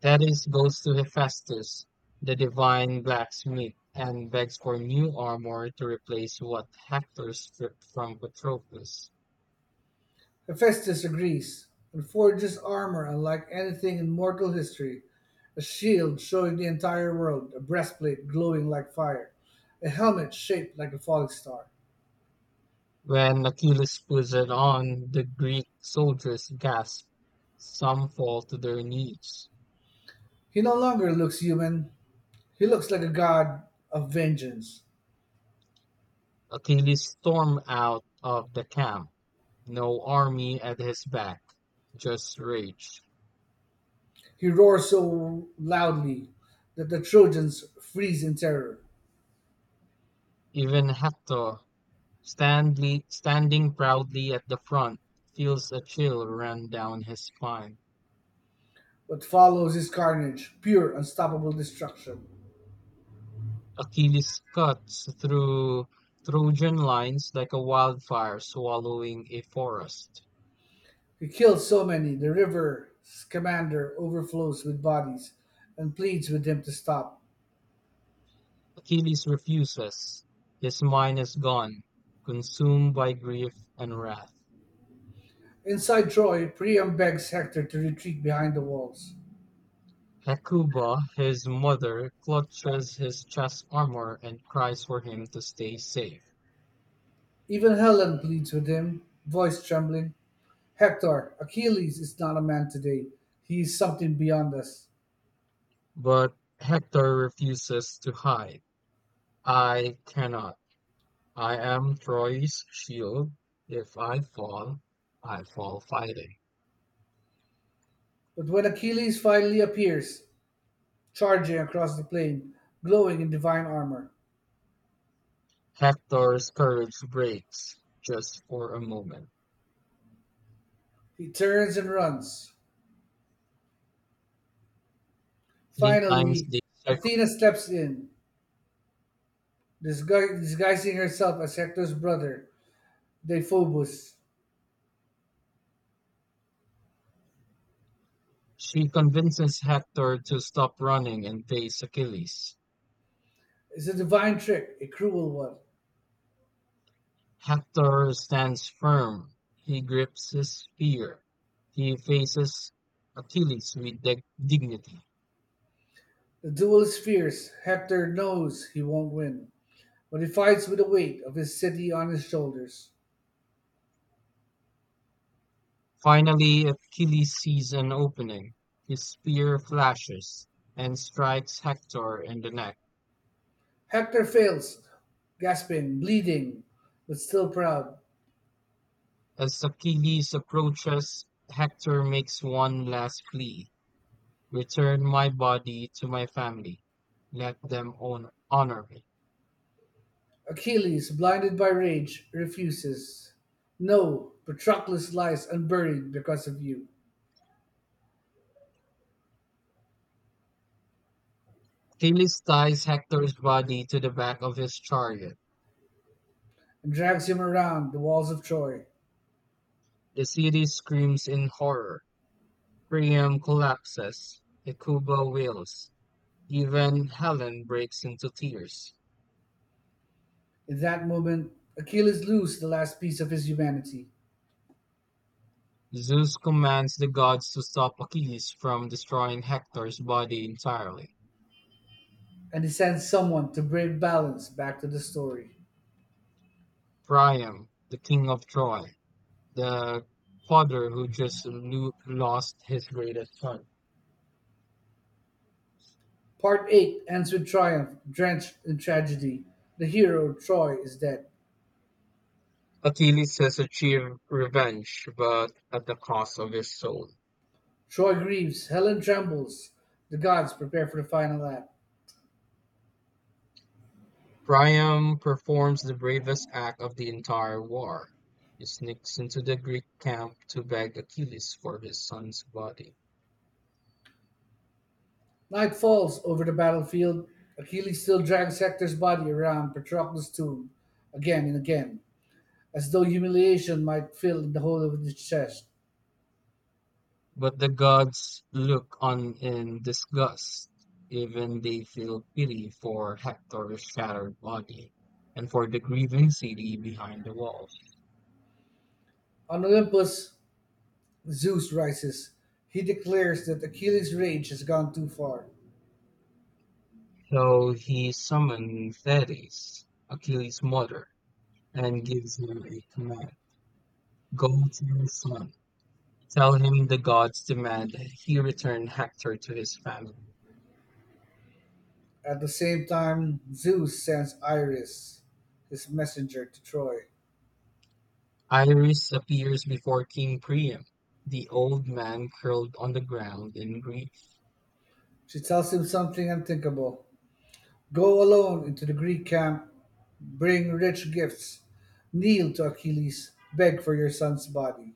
Thaddeus goes to Hephaestus, the divine blacksmith, and begs for new armor to replace what Hector stripped from Patroclus. Hephaestus agrees, and forges armor unlike anything in mortal history, a shield showing the entire world, a breastplate glowing like fire, a helmet shaped like a falling star. When Achilles puts it on, the Greek soldiers gasp. Some fall to their knees. He no longer looks human. He looks like a god of vengeance. Achilles storms out of the camp. No army at his back, just rage. He roars so loudly that the Trojans freeze in terror. Even Hector, standing proudly at the front, feels a chill run down his spine. What follows is carnage, pure, unstoppable destruction. Achilles cuts through Trojan lines like a wildfire swallowing a forest. He kills so many, the river's commander overflows with bodies and pleads with him to stop. Achilles refuses. His mind is gone, consumed by grief and wrath. Inside Troy, Priam begs Hector to retreat behind the walls. Hecuba, his mother, clutches his chest armor and cries for him to stay safe. Even Helen pleads with him, voice trembling. Hector, Achilles is not a man today. He is something beyond us. But Hector refuses to hide. I cannot. I am Troy's shield. If I fall, I fall fighting. But when Achilles finally appears, charging across the plain, glowing in divine armor, Hector's courage breaks just for a moment. he turns and runs. Three times Finally, they circle. Athena steps in, disguising herself as Hector's brother, Deiphobus, She convinces Hector to stop running and face Achilles. is a divine trick, a cruel one. Hector stands firm. He grips his spear. He faces Achilles with dignity. The duel is fierce. Hector knows he won't win, but he fights with the weight of his city on his shoulders. Finally, Achilles sees an opening. His spear flashes and strikes Hector in the neck. Hector fails, gasping, bleeding, but still proud. As Achilles approaches, Hector makes one last plea. Return my body to my family. Let them honor me. Achilles, blinded by rage, refuses. No, Patroclus lies unburied because of you, Achilles ties Hector's body to the back of his chariot. and drags him around the walls of Troy. The city screams in horror. Priam collapses. Hecuba wails. Even Helen breaks into tears. In that moment, Achilles loses the last piece of his humanity. Zeus commands the gods to stop Achilles from destroying Hector's body entirely. And he sends someone to bring balance back to the story. Priam, the king of Troy, the father who just lost his greatest son. Part 8 ends with triumph, drenched in tragedy. The hero, Troy, is dead. Achilles has achieved revenge, but at the cost of his soul. Troy grieves, Helen trembles. The gods prepare for the final act. Priam performs the bravest act of the entire war. He sneaks into the Greek camp to beg Achilles for his son's body. Night falls over the battlefield. Achilles still drags Hector's body around Patroclus' tomb again and again, as though humiliation might fill the hole of his chest. But the gods look on in disgust. Even they feel pity for Hector's shattered body and for the grieving city behind the walls. On Olympus, Zeus rises. He declares that Achilles' rage has gone too far. So he summoned Thetis, Achilles' mother, and gives him a command. Go to your son. Tell him the gods demand that he return Hector to his family. At the same time, Zeus sends Iris, his messenger, to Troy. Iris appears before King Priam. The old man curled on the ground in grief. She tells him something unthinkable. Go alone into the Greek camp, bring rich gifts, kneel to Achilles, beg for your son's body.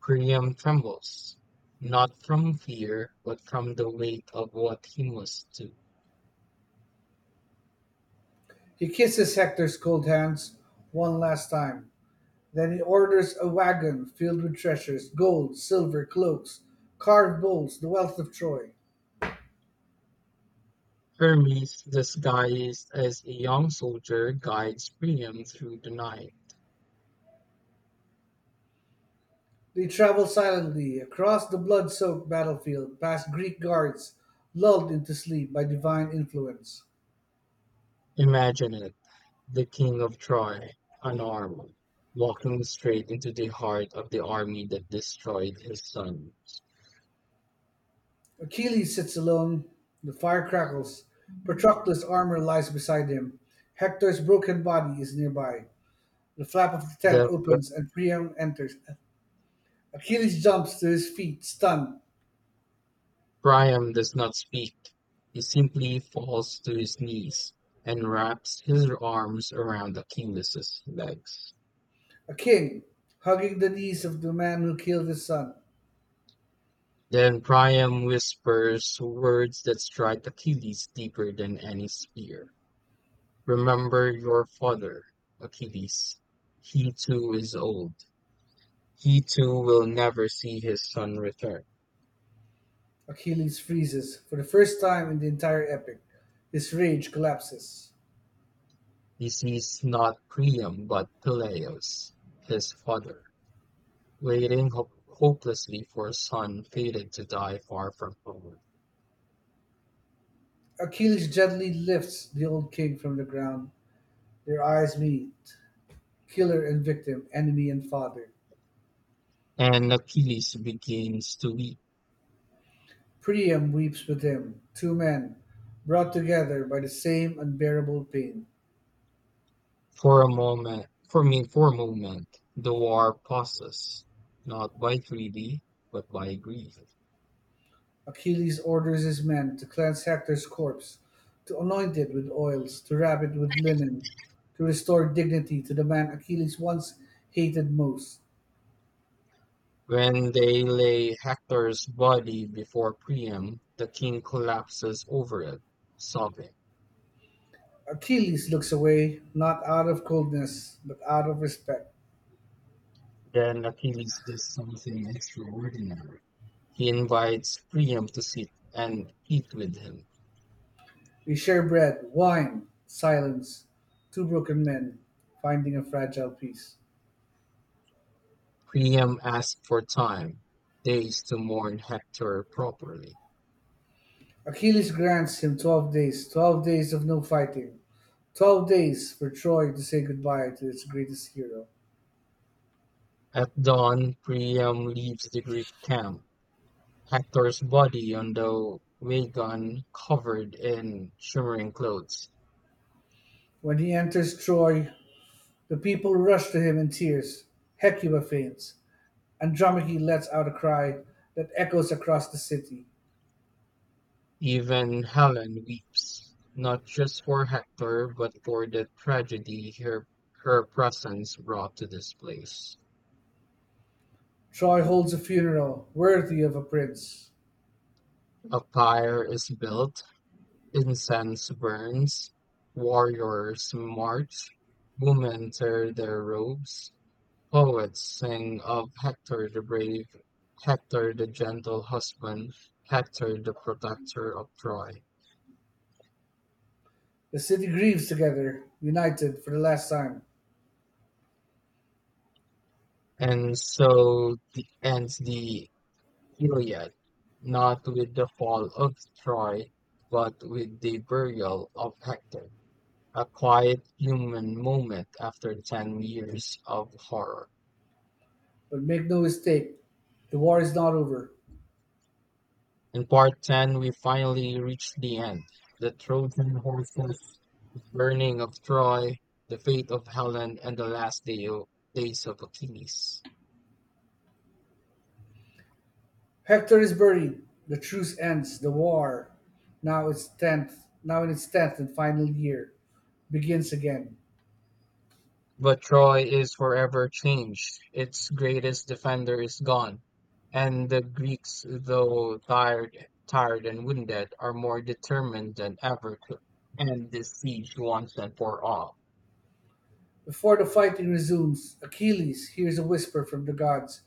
Priam trembles, not from fear, but from the weight of what he must do. He kisses Hector's cold hands one last time. Then he orders a wagon filled with treasures gold, silver, cloaks, carved bowls, the wealth of Troy. Hermes, disguised as a young soldier, guides Priam through the night. They travel silently across the blood-soaked battlefield, past Greek guards lulled into sleep by divine influence. Imagine it, the king of Troy, unarmed, walking straight into the heart of the army that destroyed his son. Achilles sits alone, the fire crackles, Patroclus' armor lies beside him, Hector's broken body is nearby. The flap of the tent The opens and Priam enters. Achilles jumps to his feet, stunned. Priam does not speak. He simply falls to his knees and wraps his arms around Achilles' legs. A king, hugging the knees of the man who killed his son. Then Priam whispers words that strike Achilles deeper than any spear. Remember your father, Achilles. He too is old. He too will never see his son return. Achilles freezes for the first time in the entire epic. His rage collapses. He sees not Priam but Peleus, his father, waiting hopelessly for a son fated to die far from home. Achilles gently lifts the old king from the ground. Their eyes meet. Killer and victim, enemy and father. And Achilles begins to weep. Priam weeps with him. Two men, brought together by the same unbearable pain. For a moment, the war pauses, not by treaty, but by grief. Achilles orders his men to cleanse Hector's corpse, to anoint it with oils, to wrap it with linen, to restore dignity to the man Achilles once hated most. When they lay Hector's body before Priam, the king collapses over it, sobbing. Achilles looks away, not out of coldness, but out of respect. Then Achilles does something extraordinary. He invites Priam to sit and eat with him. We share bread, wine, silence, two broken men finding a fragile peace. Priam asks for time, days to mourn Hector properly. Achilles grants him 12 days, 12 days of no fighting, 12 days for Troy to say goodbye to its greatest hero. At dawn, Priam leaves the Greek camp, Hector's body on the wagon covered in shimmering clothes. When he enters Troy, the people rush to him in tears. Hecuba faints. Andromache lets out a cry that echoes across the city. Even Helen weeps, not just for Hector, but for the tragedy her presence brought to this place. Troy holds a funeral worthy of a prince. A pyre is built, incense burns, warriors march, women tear their robes, poets sing of Hector the brave, Hector the gentle husband, Hector the protector of Troy. The city grieves together, united for the last time. And so ends the Iliad, not with the fall of Troy, but with the burial of Hector, a quiet human moment after 10 years of horror. But make no mistake, the war is not over. In part 10, we finally reach the end the Trojan horses, burning of Troy, the fate of Helen, and the last days of Achilles. Hector is buried. The truce ends. The war, now in its tenth and final year, begins again. But Troy is forever changed. Its greatest defender is gone, and the Greeks, though tired and wounded, are more determined than ever to end this siege once and for all. Before the fighting resumes, Achilles hears a whisper from the gods,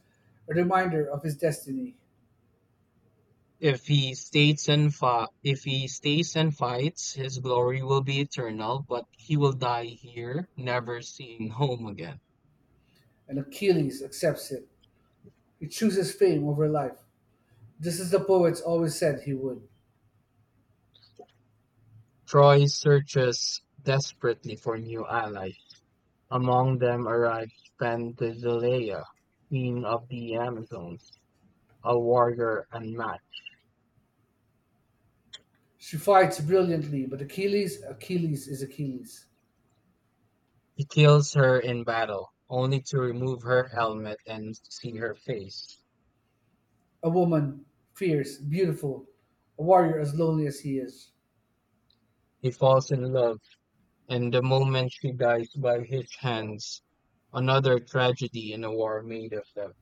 a reminder of his destiny, If he stays and fi- If he stays and fights, his glory will be eternal, but he will die here, never seeing home again. and Achilles accepts it. He chooses fame over life, just as the poets always said he would. Troy searches desperately for new allies. Among them arrived Penthesilea, queen of the Amazons, a warrior unmatched. She fights brilliantly, but Achilles is Achilles. He kills her in battle, only to remove her helmet and see her face. A woman, fierce, beautiful, a warrior as lonely as he is. He falls in love, and the moment she dies by his hands, another tragedy in a war made of them.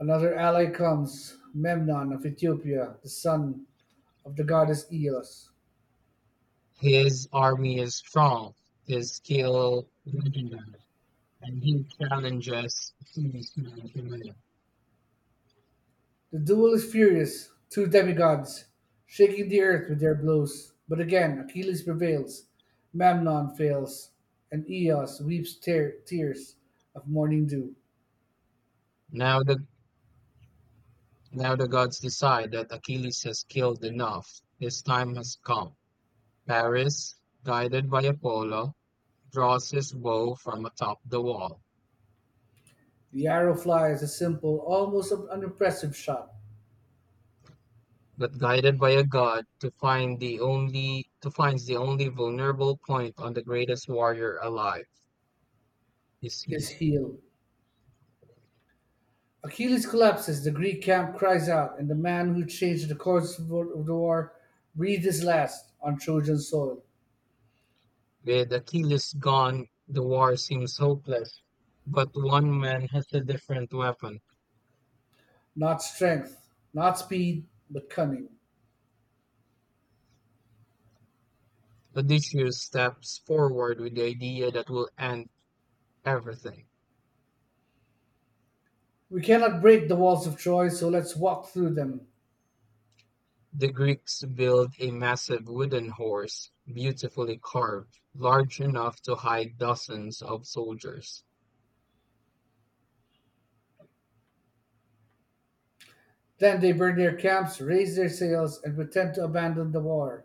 Another ally comes, Memnon of Ethiopia, the son of the goddess Eos. His army is strong, his skill legendary, and he challenges Zeus' man to man. The duel is furious, two demigods, shaking the earth with their blows. But again, Achilles prevails, Memnon fails, and Eos weeps tears of morning dew. Now the Now the gods decide that Achilles has killed enough. His time has come. Paris, guided by Apollo, draws his bow from atop the wall, The arrow flies a simple, almost unimpressive shot. but guided by a god to find the only to finds the only vulnerable point on the greatest warrior alive, is His he. heel, Achilles collapses, the Greek camp cries out, and the man who changed the course of the war breathed his last on Trojan soil. With Achilles gone, the war seems hopeless, but one man has a different weapon. Not strength, not speed, but cunning. Odysseus steps forward with the idea that will end everything. We cannot break the walls of Troy, so let's walk through them. The Greeks built a massive wooden horse, beautifully carved, large enough to hide dozens of soldiers. Then they burn their camps, raise their sails, and pretend to abandon the war.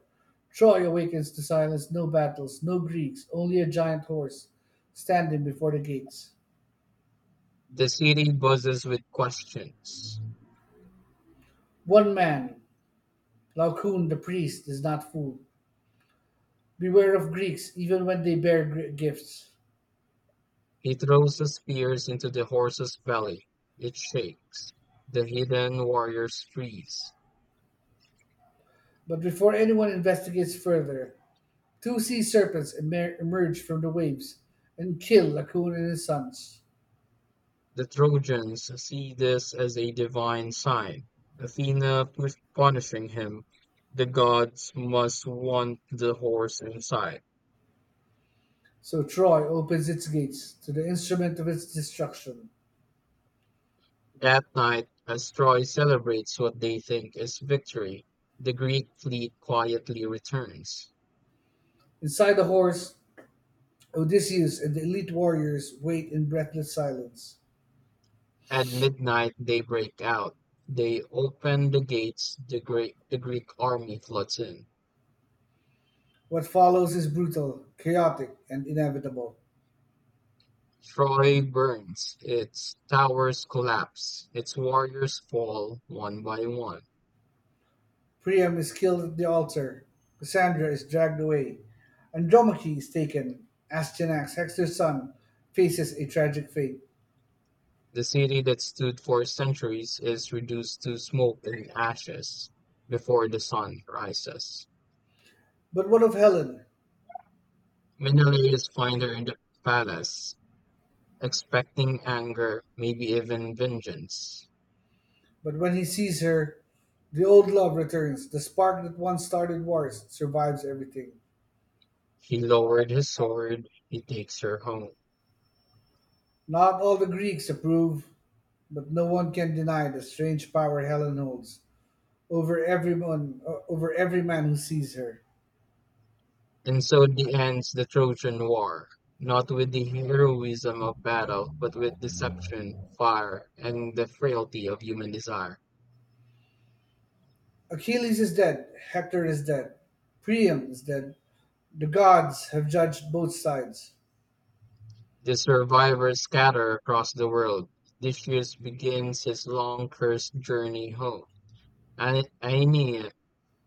Troy awakens to silence, no battles, no Greeks, only a giant horse standing before the gates. The city buzzes with questions. One man, Laocoon the priest, is not fooled. Beware of Greeks, even when they bear gifts. He throws the spears into the horse's belly. It shakes. The hidden warriors freeze. But before anyone investigates further, two sea serpents emerge from the waves and kill Laocoon and his sons. The Trojans see this as a divine sign. Athena punishing him. The gods must want the horse inside. So Troy opens its gates to the instrument of its destruction. That night, as Troy celebrates what they think is victory, the Greek fleet quietly returns. Inside the horse, Odysseus and the elite warriors wait in breathless silence. At midnight, they break out. They open the gates, the Greek army floods in. What follows is brutal, chaotic, and inevitable. Troy burns, its towers collapse, its warriors fall one by one. Priam is killed at the altar, Cassandra is dragged away, Andromache is taken, Astyanax, Hector's son, faces a tragic fate. The city that stood for centuries is reduced to smoke and ashes before the sun rises. But what of Helen? Menelaus finds her in the palace, expecting anger, maybe even vengeance. But when he sees her, the old love returns, the spark that once started wars survives everything. He lowered his sword, he takes her home. Not all the Greeks approve, but no one can deny the strange power Helen holds over everyone, over every man who sees her. And so the ends the Trojan War, not with the heroism of battle, but with deception, fire, and the frailty of human desire. Achilles is dead, Hector is dead, Priam is dead, the gods have judged both sides, The survivors scatter across the world. Odysseus begins his long cursed journey home. Aene- Aeneas,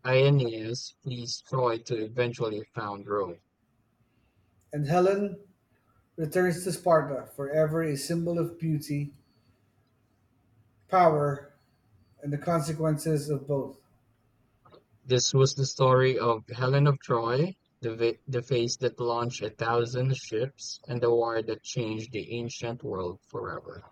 Aeneas flees Troy to eventually found Rome. and Helen returns to Sparta, forever a symbol of beauty, power, and the consequences of both. This was the story of Helen of Troy, the face that launched a thousand ships, and the war that changed the ancient world forever.